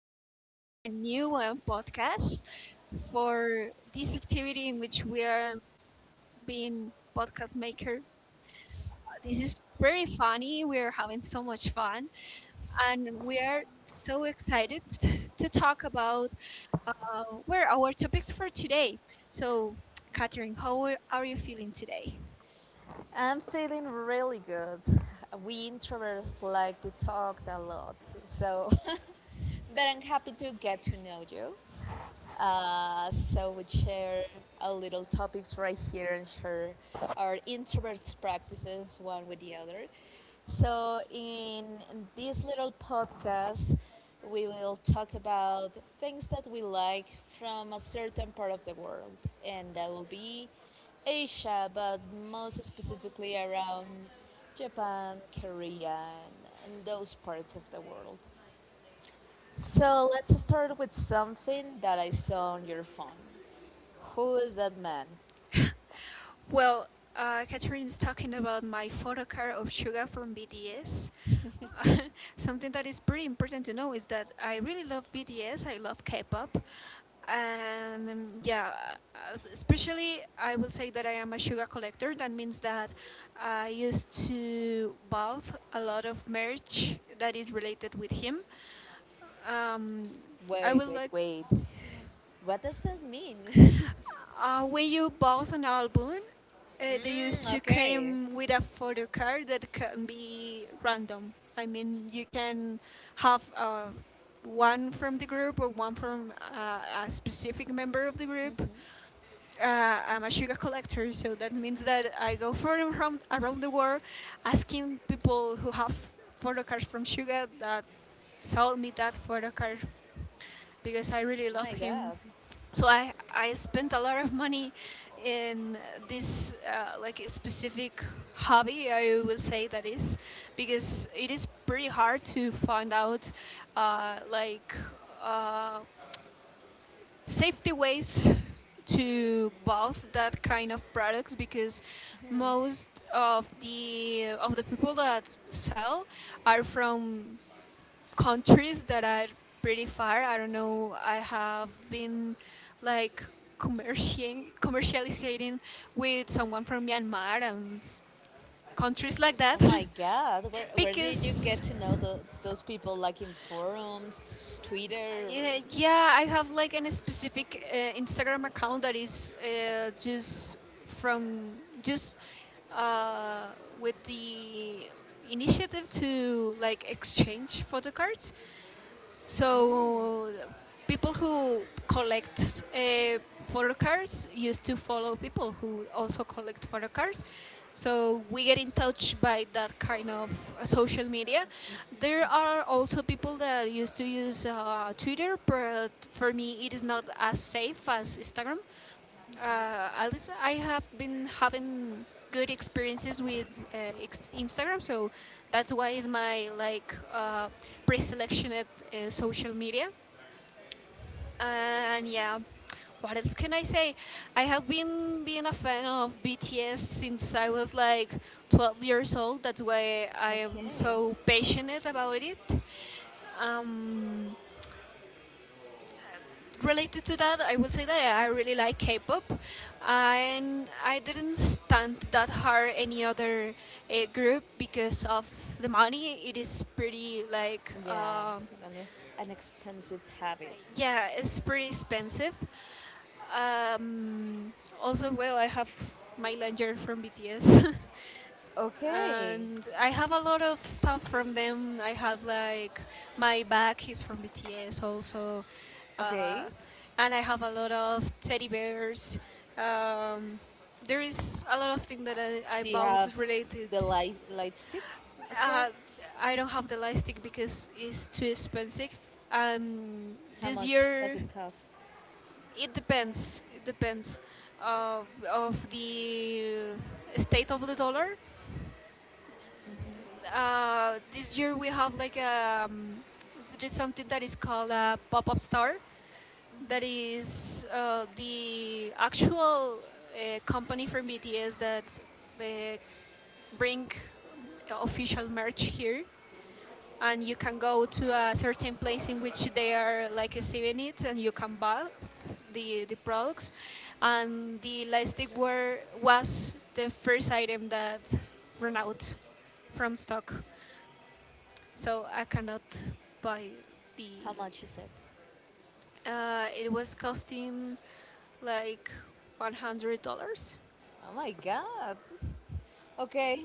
is a new podcast for this activity in which we are being podcast maker. This is very funny, we are having so much fun, and we are so excited to talk about where our topics for today. So, Catherine, how are you feeling today? I'm feeling really good. We introverts like to talk a lot, so, but I'm happy to get to know you. So we share a little topics right here and share our introverts practices one with the other. So in this little podcast, we will talk about things that we like from a certain part of the world, and that will be Asia, but most specifically around Japan, Korea, and those parts of the world. So let's start with something that I saw on your phone. Who is that man? Well, Catherine is talking about my photo card of Suga from BTS. Something that is pretty important to know is that I really love BTS. I love K-pop, and yeah, especially I will say that I am a Suga collector. That means that I used to buy a lot of merch that is related with him. Um, I Wait, would wait, like. wait. What does that mean? When you bought an album, they used to okay. came with a photo card that can be random. I mean, you can have one from the group or one from a specific member of the group I'm a sugar collector, so that means that I go further from around the world, asking people who have photo from sugar that sold me that photo because I really Oh love my him. god. So I spent a lot of money in this like specific hobby. I will say that is because it is pretty hard to find out like. Uh, safety ways to both that kind of products because most of the people that sell are from countries that are pretty far. I don't know. I have been like commerciating commercializing with someone from Myanmar and countries like Oh that. my god. Where, where did you get Because to know those people? Like in forums, Twitter? Or... yeah, yeah, I have like a specific Instagram account that is just from just uh, with the initiative to like exchange photo cards. So people who collect photo cards used to follow people who also collect photo cards. So we get in touch by that kind of social media. There are also people that used to use Twitter, but for me it is not as safe as Instagram, at least I have been having good experiences with Instagram, so that's why is my like pre-selected social media. And yeah, what else can I say? I have been being a fan of BTS since I was like 12 years old. That's why I am Okay. so passionate about it. Um, related to that, I would say that I really like K-pop, and I didn't stand that hard any other group because of the money. It is pretty like Yeah. um, And it's an expensive habit. yeah, it's pretty expensive. Um, also, well, I have my Langer from BTS. Okay. And I have a lot of stuff from them. I have like my bag, he's from BTS also, uh, Okay. and I have a lot of teddy bears. Um, there is a lot of things that I Do you bought have related. the light stick as Uh, well? I don't have the elastic because it's too expensive. Um, How this much does year, it cost? it depends. It depends of the state of the dollar. This year we have like there is something that is called a pop-up store. That is the actual company from BTS that uh, bring official merch here, and you can go to a certain place in which they are like receiving it, and you can buy the products. And the elastic wear was the first item that ran out from stock, so I cannot buy the. How much is it? It was costing like $100. Oh my god. Okay,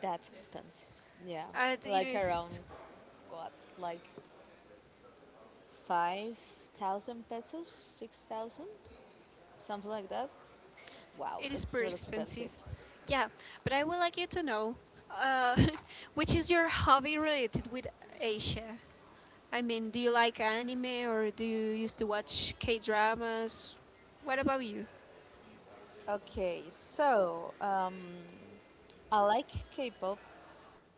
that's expensive. Yeah, And it like around is what, like 5,000 pesos, 6,000, something like that. Wow, it is that's pretty real expensive. expensive. Yeah, but I would like you to know, uh, which is your hobby related with Asia? I mean, do you like anime or do you used to watch K dramas? What about you? Okay, so I like K-pop.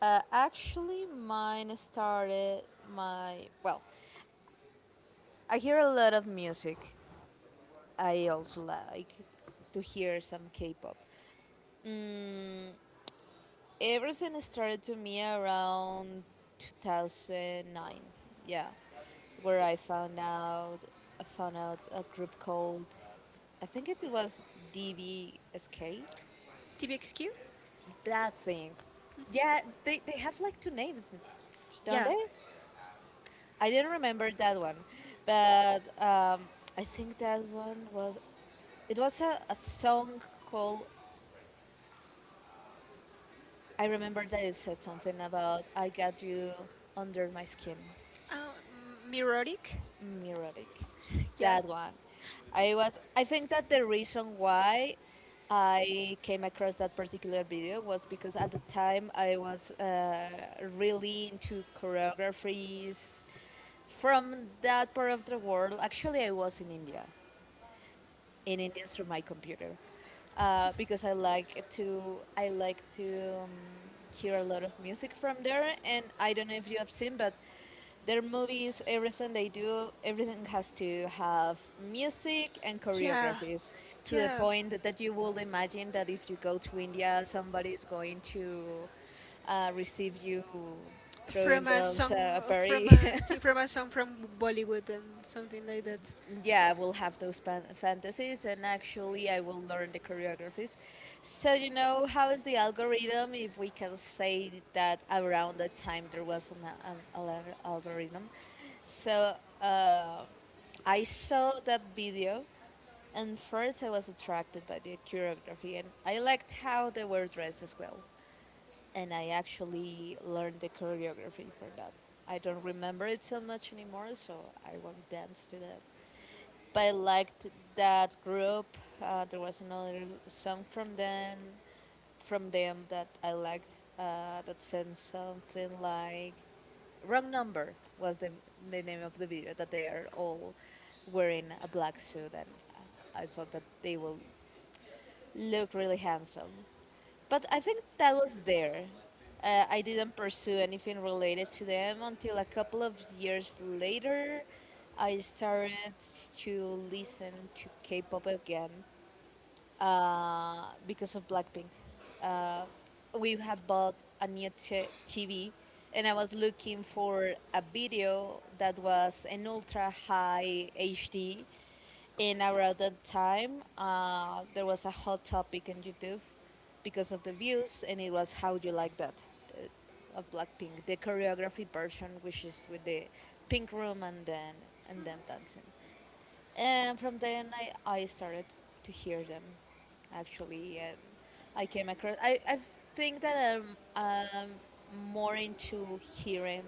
Actually, mine started my well. I hear a lot of music. I also like to hear some K-pop. Mm, Everything started to me around 2009. Yeah, where I found out a group called I think it was DBSK. TBXQ? That thing. Yeah, they have like two names, don't Yeah. they? I didn't remember that one, but I think that one was it was a song called I remember that it said something about I got you under my skin, Mirodic? Mirotic. Yeah. That one. I was. I think that the reason why I came across that particular video was because at the time I was really into choreographies from that part of the world. Actually, I was in India through my computer because I like to I like to hear a lot of music from there. And I don't know if you have seen, but their movies, everything they do, everything has to have music and Yeah, choreographies to the yeah. point that you will imagine that if you go to India, somebody is going to receive you From throwing a down song, a party. From a song from Bollywood and something like that. Yeah, I will have those fantasies, and actually, I will learn the choreographies. So, you know, how is the algorithm? If we can say that around that time there was an algorithm. So I saw that video, and first I was attracted by the choreography, and I liked how they were dressed as well. And I actually learned the choreography from that. I don't remember it so much anymore, so I won't dance to that. But I liked that group. There was another song from them that I liked. That said something like "Wrong Number" was the name of the video. That they are all wearing a black suit, and I thought that they will look really handsome but I think that was there. I didn't pursue anything related to them until a couple of years later. I started to listen to K-pop again, because of Blackpink. Uh, we had bought a new TV, and I was looking for a video that was an ultra high HD. And around that time, there was a hot topic on YouTube because of the views, and it was "How You Like That" of Blackpink, the choreography version, which is with the pink room and then and them dancing. And from then I started to hear them, actually, and I came across. I think that I'm more into hearing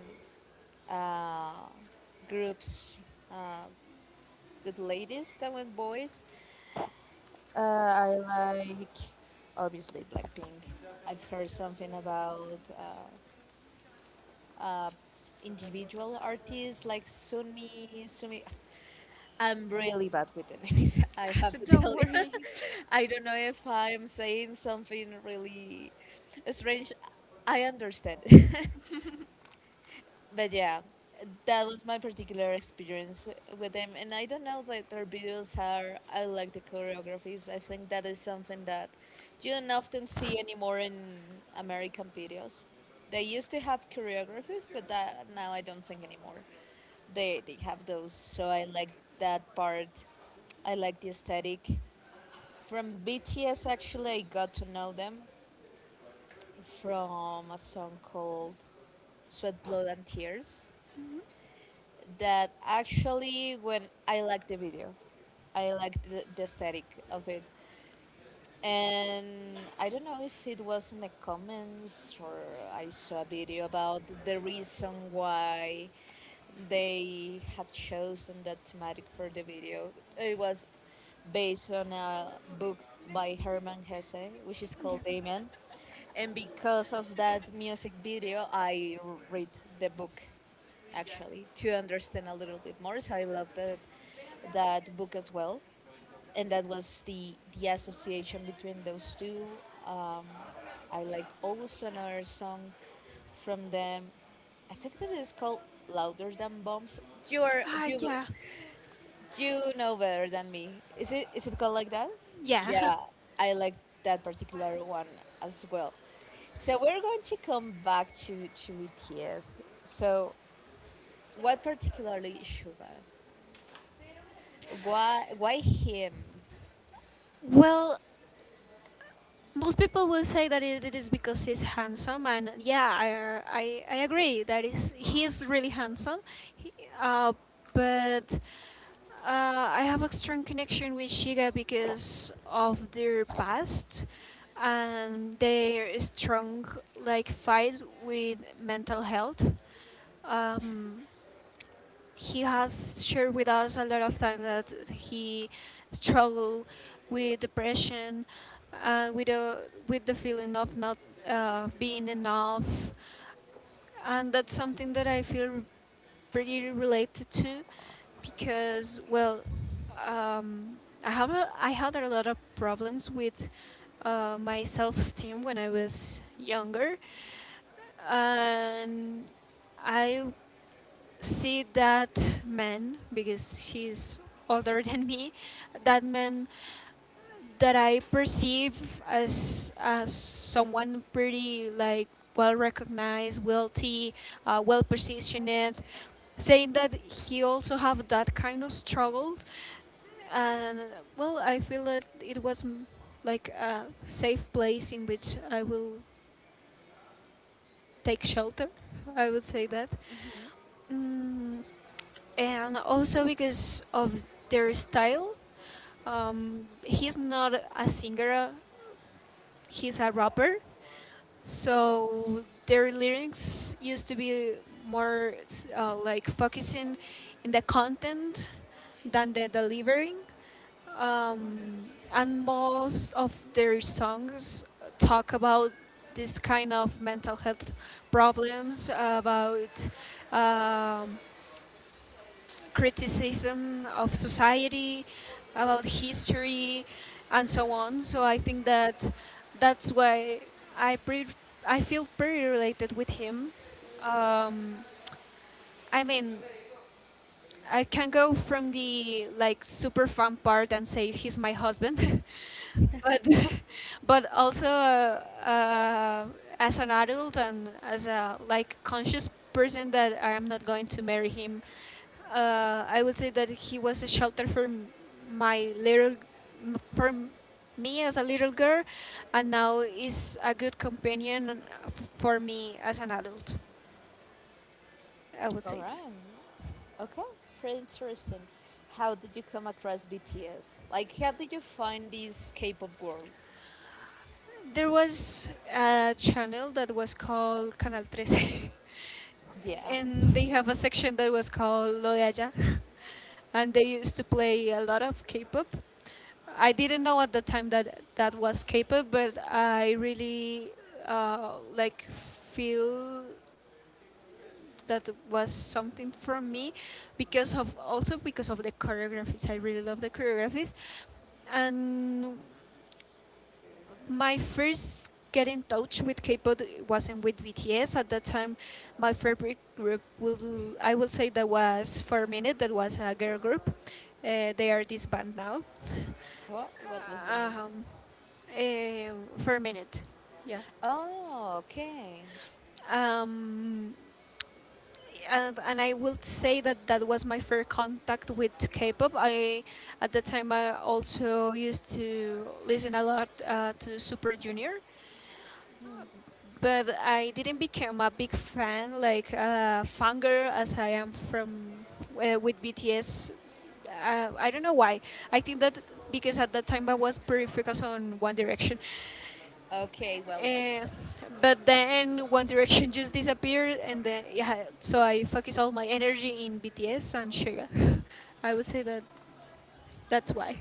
uh, groups uh, with ladies than with boys. I like obviously Blackpink. I've heard something about uh, individual artists like Sunmi, Sumi. I'm really bad with the names. I have to Don't tell you. worry. I don't know if I'm saying something really strange. I understand. But yeah, that was my particular experience with them. And I don't know that their videos are, I like the choreographies. I think that is something that you don't often see anymore in American videos. They used to have choreographies, but that now I don't think anymore. They have those. So I like that part. I like the aesthetic. From BTS, actually, I got to know them from a song called Sweat, Blood, and Tears that actually when I liked the video, I liked the aesthetic of it. And I don't know if it was in the comments or I saw a video about the reason why they had chosen that thematic for the video. It was based on a book by Hermann Hesse, which is Yeah. called Damien. And because of that music video, read the book actually to understand a little bit more. So I love that that book as well, and that was the association between those two. Um, I like also another song from them. I think that it's called "Louder Than Bombs." You are Ah, you yeah, you know better than me. Is it called like that? yeah. Yeah, I like that particular one as well. So we're going to come back to BTS. So what particularly Suga? Why him? Well, most people will say that it is because he's handsome, and yeah, I agree that is he is really handsome he, uh, but I have a strong connection with Shiga because of their past and their strong like fight with mental health, um, he has shared with us a lot of times that he struggled with depression and with the feeling of not being enough, and that's something that I feel pretty related to because well, um, I have I had a lot of problems with my self esteem when I was younger, and I see that man because he's older than me, that man that I perceive as someone pretty like well recognized, wealthy, well positioned, saying that he also have that kind of struggles, and well, I feel that it was like a safe place in which I will take shelter. I would say that. Mm, and also because of their style. He's not a singer, he's a rapper. So their lyrics used to be more like focusing in the content than the delivering, um, and most of their songs talk about this kind of mental health problems about um, criticism of society, about history, and so on. So I think that that's why I pre- I feel pretty related with him. Um, I mean, I can go from the like super fan part and say he's my husband, but but also as an adult and as a like conscious person that I am not going to marry him, I would say that he was a shelter for my little, for me as a little girl, and now is a good companion for me as an adult. I would All say that. right. Okay, pretty interesting. How did you come across BTS? Like, how did you find this K-pop world? There was a channel that was called Canal 13, Yeah. and they have a section that was called Lo de Allá, and they used to play a lot of K-pop. I didn't know at the time that that was K-pop, but I really like feel that was something from me because of also because of the choreographies. I really love the choreographies, and my first get in touch with K-pop wasn't with BTS at that time. My favorite group will I will say that was for a minute that was a girl group. They are this band now. What was the name? Um, eh, for a minute, yeah. Oh, okay. Um, and I will say that that was my first contact with K-pop. I at the time I also used to listen a lot to Super Junior. But I didn't become a big fan, like fangirl as I am from with BTS. I don't know why. I think that because at that time I was pretty focused on One Direction, Okay, well, makes uh, sense. but then One Direction just disappeared, and then yeah, so I focused all my energy in BTS and Suga. I would say that that's why.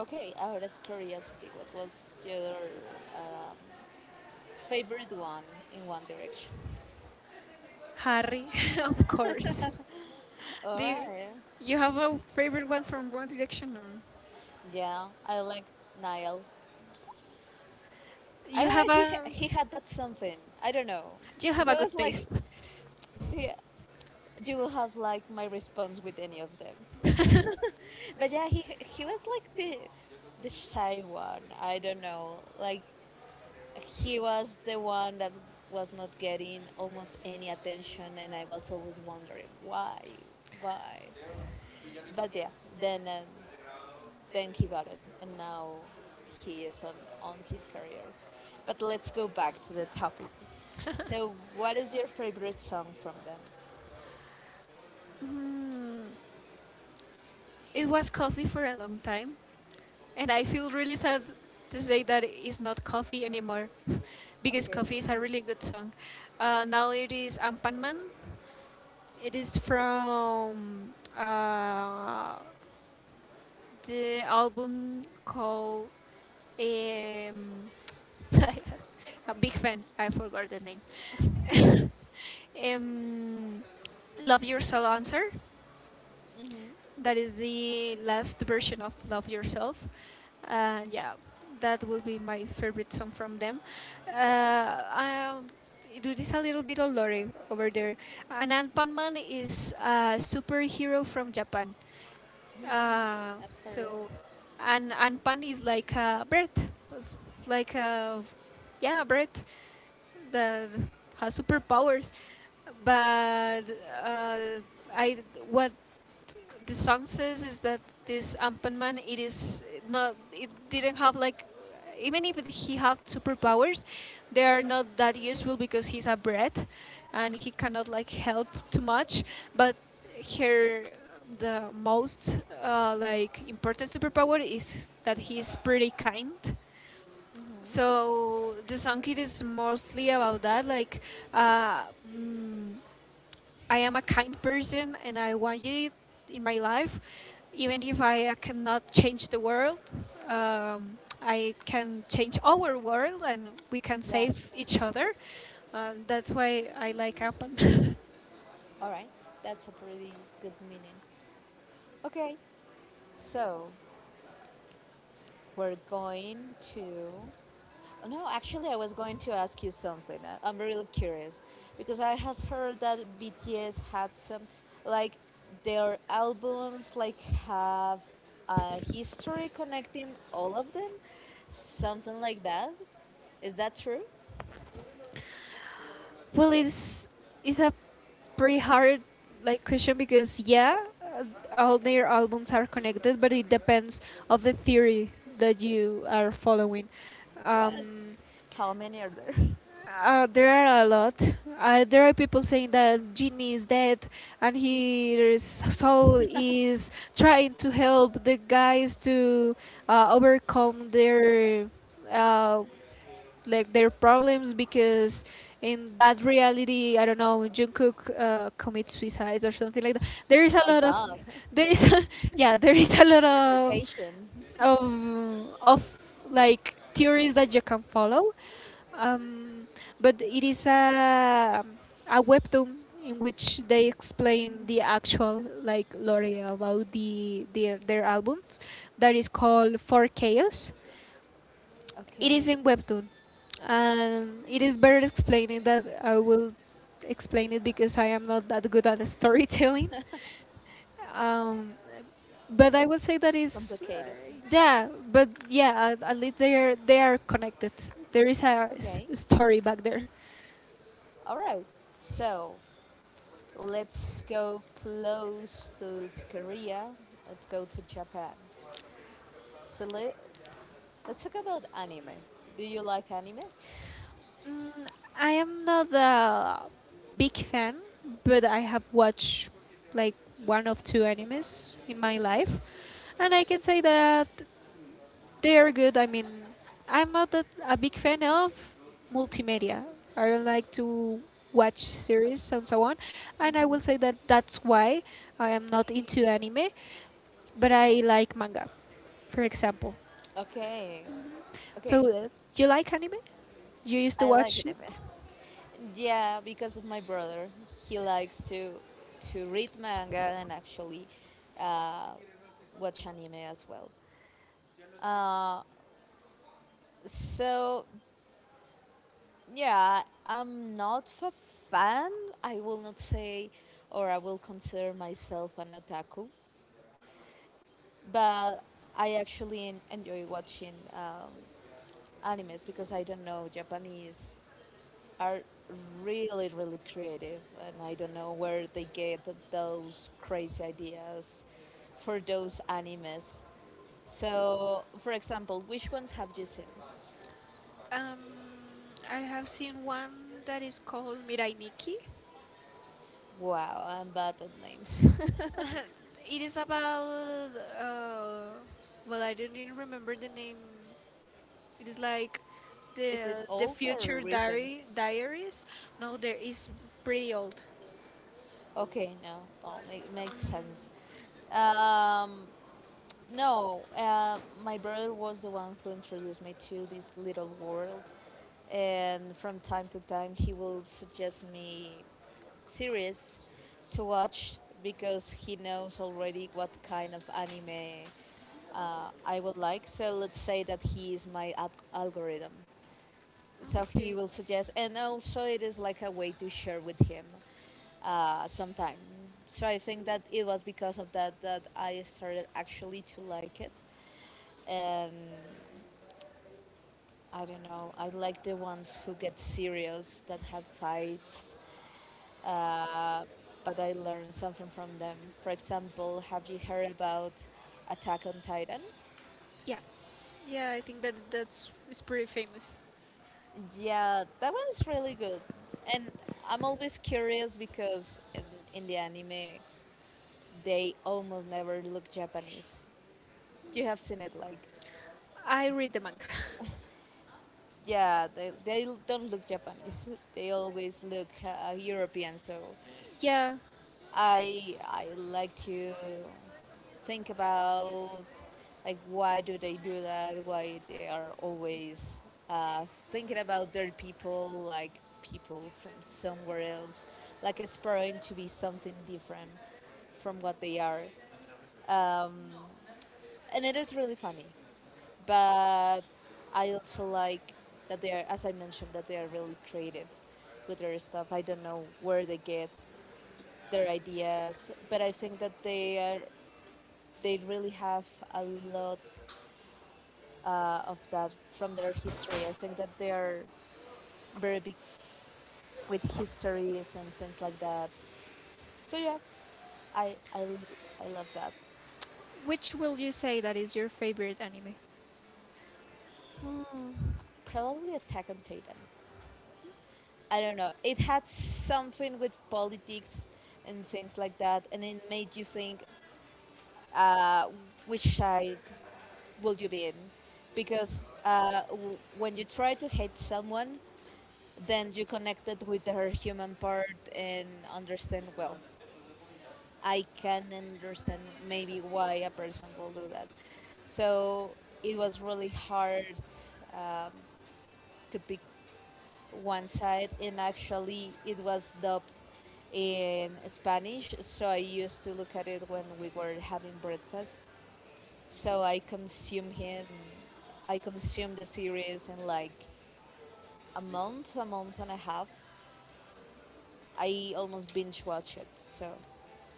Okay, out of curiosity, what was your um, favorite one in One Direction? Harry, of course. All Do you, right. you have a favorite one from One Direction or? Yeah, I like Niall. I You don't have know. A He had that something. I don't know. Do you have It a was good like, taste. yeah, you will have like my response with any of them. but yeah, he was like the shy one. I don't know. Like he was the one that was not getting almost any attention, and I was always wondering why, why. But yeah, then then he got it, and now he is on his career. But let's go back to the topic. So, what is your favorite song from them? Mm, it was coffee for a long time, and I feel really sad to say that it's not coffee anymore, because Okay, coffee is a really good song. Now it is Ampanman. It is from the album called um, a big fan. I forgot the name. Um, Love Your Soul Answer. That is the last version of Love Yourself. Yeah, that will be my favorite song from them. Uh, um, it is a little bit of lore over there. Anand Panman is a superhero from Japan. Uh, I've heard it. so, and Anpan is like a bird, s- like a yeah, a bird that has superpowers. But uh, I what the song says is that this Ampanman it is not it didn't have like even if he had superpowers, they are not that useful because he's a brat and he cannot like help too much, but here the most like important superpower is that he's pretty kind, so the song it is mostly about that like uh, mm, I am a kind person and I want you in my life, even if I cannot change the world. I can change our world and we can Yeah, save each other. That's why I like Ampan. all right, that's a pretty good meaning. Okay, so we're going to No, actually, I was going to ask you something. I'm really curious because I had heard that BTS had some, like, their albums like have a history connecting all of them, something like that. Is that true? Well, it's a pretty hard like question because yeah, all their albums are connected, but it depends of the theory that you are following. What? Um, How many are there? My Uh, there are a lot. There are people saying that Genie is dead and his soul is trying to help the guys to overcome their uh, like their problems because in that reality, I don't know, Jungkook commits suicide or something like that. There is a lot of God, there is yeah, there is a lot of interpretation. of like theories that you can follow. Um, but it is a webtoon in which they explain the actual like lore about their albums that is called For Chaos. It Okay, is in webtoon, and it is better explaining that I will explain it because I am not that good at storytelling. Um, but I would say that it's is, complicated. yeah, but yeah, at least they are connected. There is a Okay, story back there. all right. So let's go close to Korea. Let's go to Japan. So let's talk about anime. Do you like anime? I am not a big fan, but I have watched like one of two animes in my life, and I can say that they are good. I mean, I'm not a big fan of multimedia. I don't like to watch series and so on, and I will say that that's why I am not into anime, but I like manga, for example. Okay. Okay. So, do you like anime? You used to I like watch anime. it? Yeah, because of my brother. He likes to read manga and actually uh, watch anime as well. Uh, so yeah, I'm not a fan. I will not say, or I will consider myself an otaku, but I actually enjoy watching animes because I don't know, Japanese are really, really creative, and I don't know where they get those crazy ideas for those animes. So, for example, which ones have you seen? Um, I have seen one that is called Mirai Nikki. Wow, I'm bad at names. It is about uh, well, I don't even remember the name. It is like Is it the old or future recent? diary diaries. No, there is pretty old. Okay, no, no, it makes sense. Um, no, My brother was the one who introduced me to this little world, and from time to time he will suggest me series to watch because he knows already what kind of anime I would like. So let's say that he is my algorithm so he Okay. will suggest and also it is like a way to share with him sometime so I think that it was because of that that I started actually to like it and I don't know I like the ones who get serious that had fights uh, but I learned something from them for example have you heard about attack on titan Yeah, yeah. I think that that's is pretty famous. yeah that one is really good and I'm always curious because in the anime they almost never look Japanese. You have seen it, like, I read the manga. yeah, they don't look Japanese. They always look European. So Yeah. I like to think about like why do they do that? Why they are always thinking about their people, like people from somewhere else, like aspiring to be something different from what they are. Um, and it is really funny. But I also like that they are, as I mentioned, that they are really creative with their stuff. I don't know where they get their ideas, but I think that they are they really have a lot of that from their history. I think that they are very big with histories and things like that. So yeah, I I, I love that. Which will you say that is your favorite anime? Hmm, probably Attack on Titan. I don't know. It had something with politics and things like that, and it made you think, uh, which side will you be in? Because when you try to hate someone, then you connected with her human part and understand. Well, I can understand maybe why a person will do that. So it was really hard um, to pick one side, and actually it was dubbed in Spanish, so I used to look at it when we were having breakfast. So I consumed him. I consumed the series in like a month and a half. I almost binge watched it, so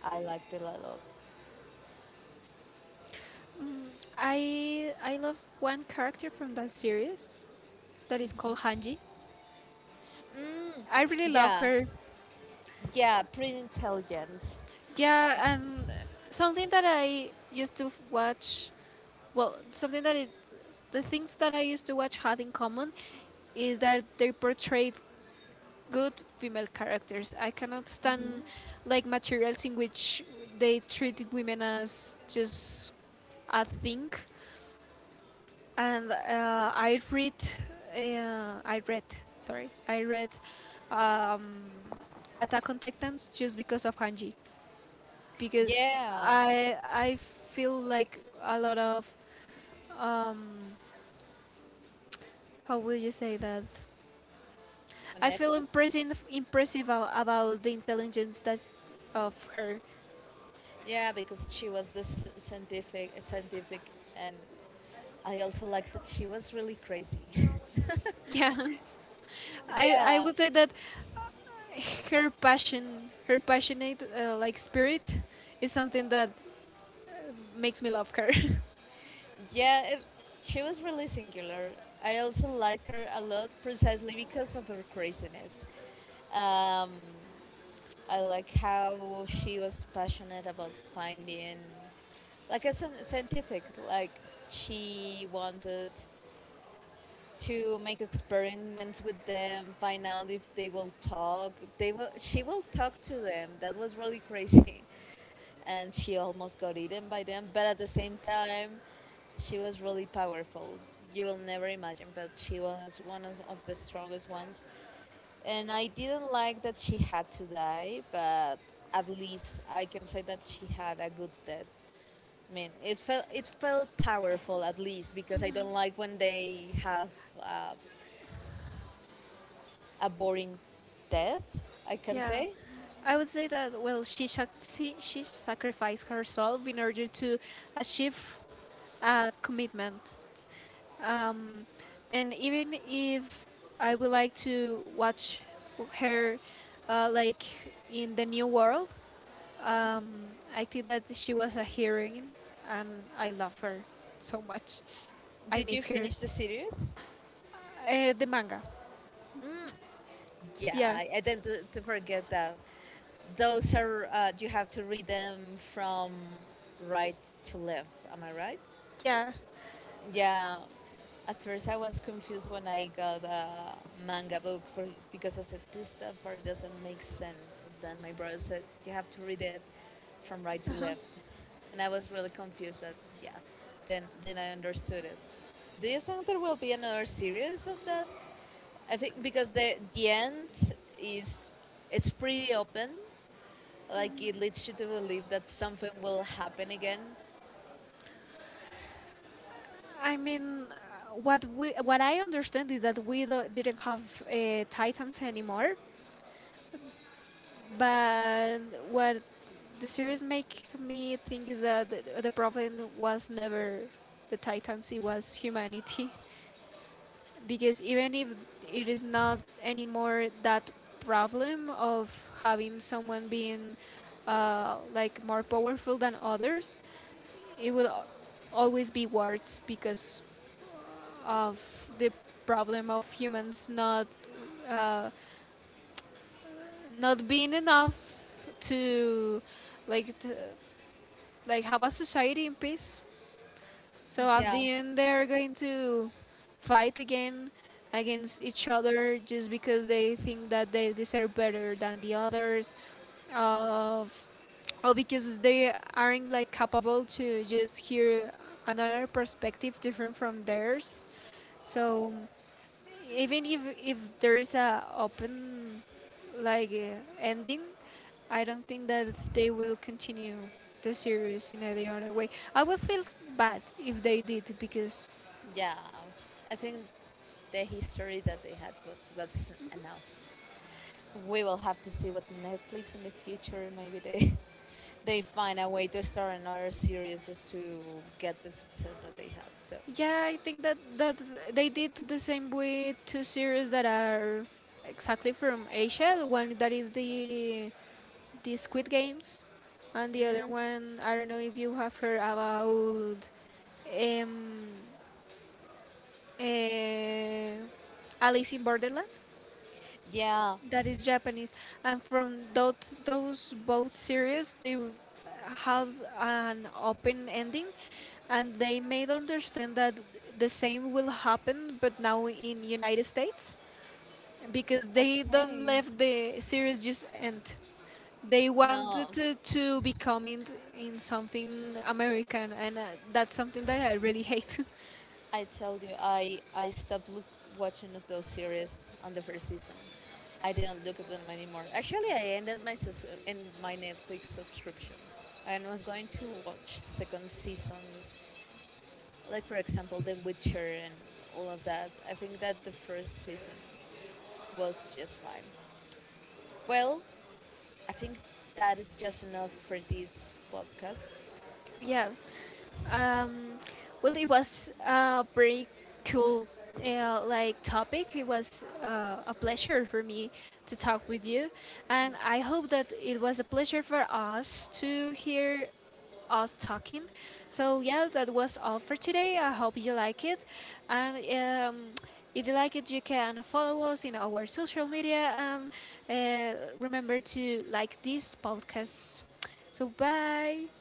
I liked it a lot. Mm, I love one character from that series. That is called Hanji. I really love Yeah, her. yeah, pretty intelligent. Yeah, and something that I used to watch, well, something that the things that I used to watch had in common is that they portrayed good female characters. I cannot stand like materials in which they treat women as just a thing. And I read, sorry, I read um, Attack on Titans just because of Hanji because Yeah, I feel like a lot of um how would you say that I feel connected. Impressive about the intelligence that of her. Yeah, because she was the scientific, scientific, and I also liked that she was really crazy. Yeah, I yeah, would say that her passion her passionate like spirit is something that makes me love her. yeah, it, she was really singular. I also like her a lot precisely because of her craziness. Um, I like how she was passionate about finding, like a scientific, like she wanted to make experiments with them, find out if they will talk. They will. She will talk to them. That was really crazy, and she almost got eaten by them. But at the same time, she was really powerful. You will never imagine, but she was one of the strongest ones. And I didn't like that she had to die, but at least I can say that she had a good death. I mean, it felt powerful at least because I don't like when they have uh, a boring death. I can Yeah, say. I would say that well, she sacrificed herself in order to achieve a commitment. Um, and even if I would like to watch her, like in the new world, um, I think that she was a heroine, and I love her so much. I Did you miss her. finish the series? The manga, Yeah, yeah, I tend to forget that. Those are you have to read them from right to left. Am I right? yeah. Yeah, at first I was confused when I got a manga book for, because I said this that part doesn't make sense. Then my brother said you have to read it from right to Uh-huh. left, and I was really confused. But yeah, then I understood it. Do you think there will be another series of that? I think because the end is it's pretty open, like it leads you to believe that something will happen again. I mean, what we what I understand is that we do, didn't have Titans anymore, but what the series make me think is that the problem was never the Titans; it was humanity, because even if it is not anymore that problem of having someone being like more powerful than others, it will always be wars because of the problem of humans not uh, not being enough to like like have a society in peace. So at Yeah. the end, they're going to fight again against each other just because they think that they deserve better than the others, of or because they aren't like capable to just hear another perspective different from theirs. So even if there is a open like ending, I don't think that they will continue the series in any other way. I would feel bad if they did because Yeah, I think the history that they had was enough. We will have to see what Netflix in the future. Maybe they they find a way to start another series just to get the success that they had. So yeah, I think that that they did the same with two series that are exactly from Asia, the one that is the Squid Games, and the other one I don't know if you have heard about, um eh, Alice in Borderland, yeah, that is Japanese, and from those both series, they had an open ending, and they made understand that the same will happen, but now in United States, because they don't okay. let the series just end. They wanted No, to become in something American, and that's something that I really hate. I tell you, I stopped watching at those series on the first season. I didn't look at them anymore. Actually, I ended my in my Netflix subscription. I'm not going to watch second seasons like for example, The Witcher and all of that. I think that the first season was just fine. Well, I think that is just enough for this podcast. Yeah. Um, well, it was a pretty cool like topic. It was a pleasure for me to talk with you, and I hope that it was a pleasure for us to hear us talking. So yeah, that was all for today. I hope you like it, and um, if you like it, you can follow us in our social media and remember to like these podcasts. So bye.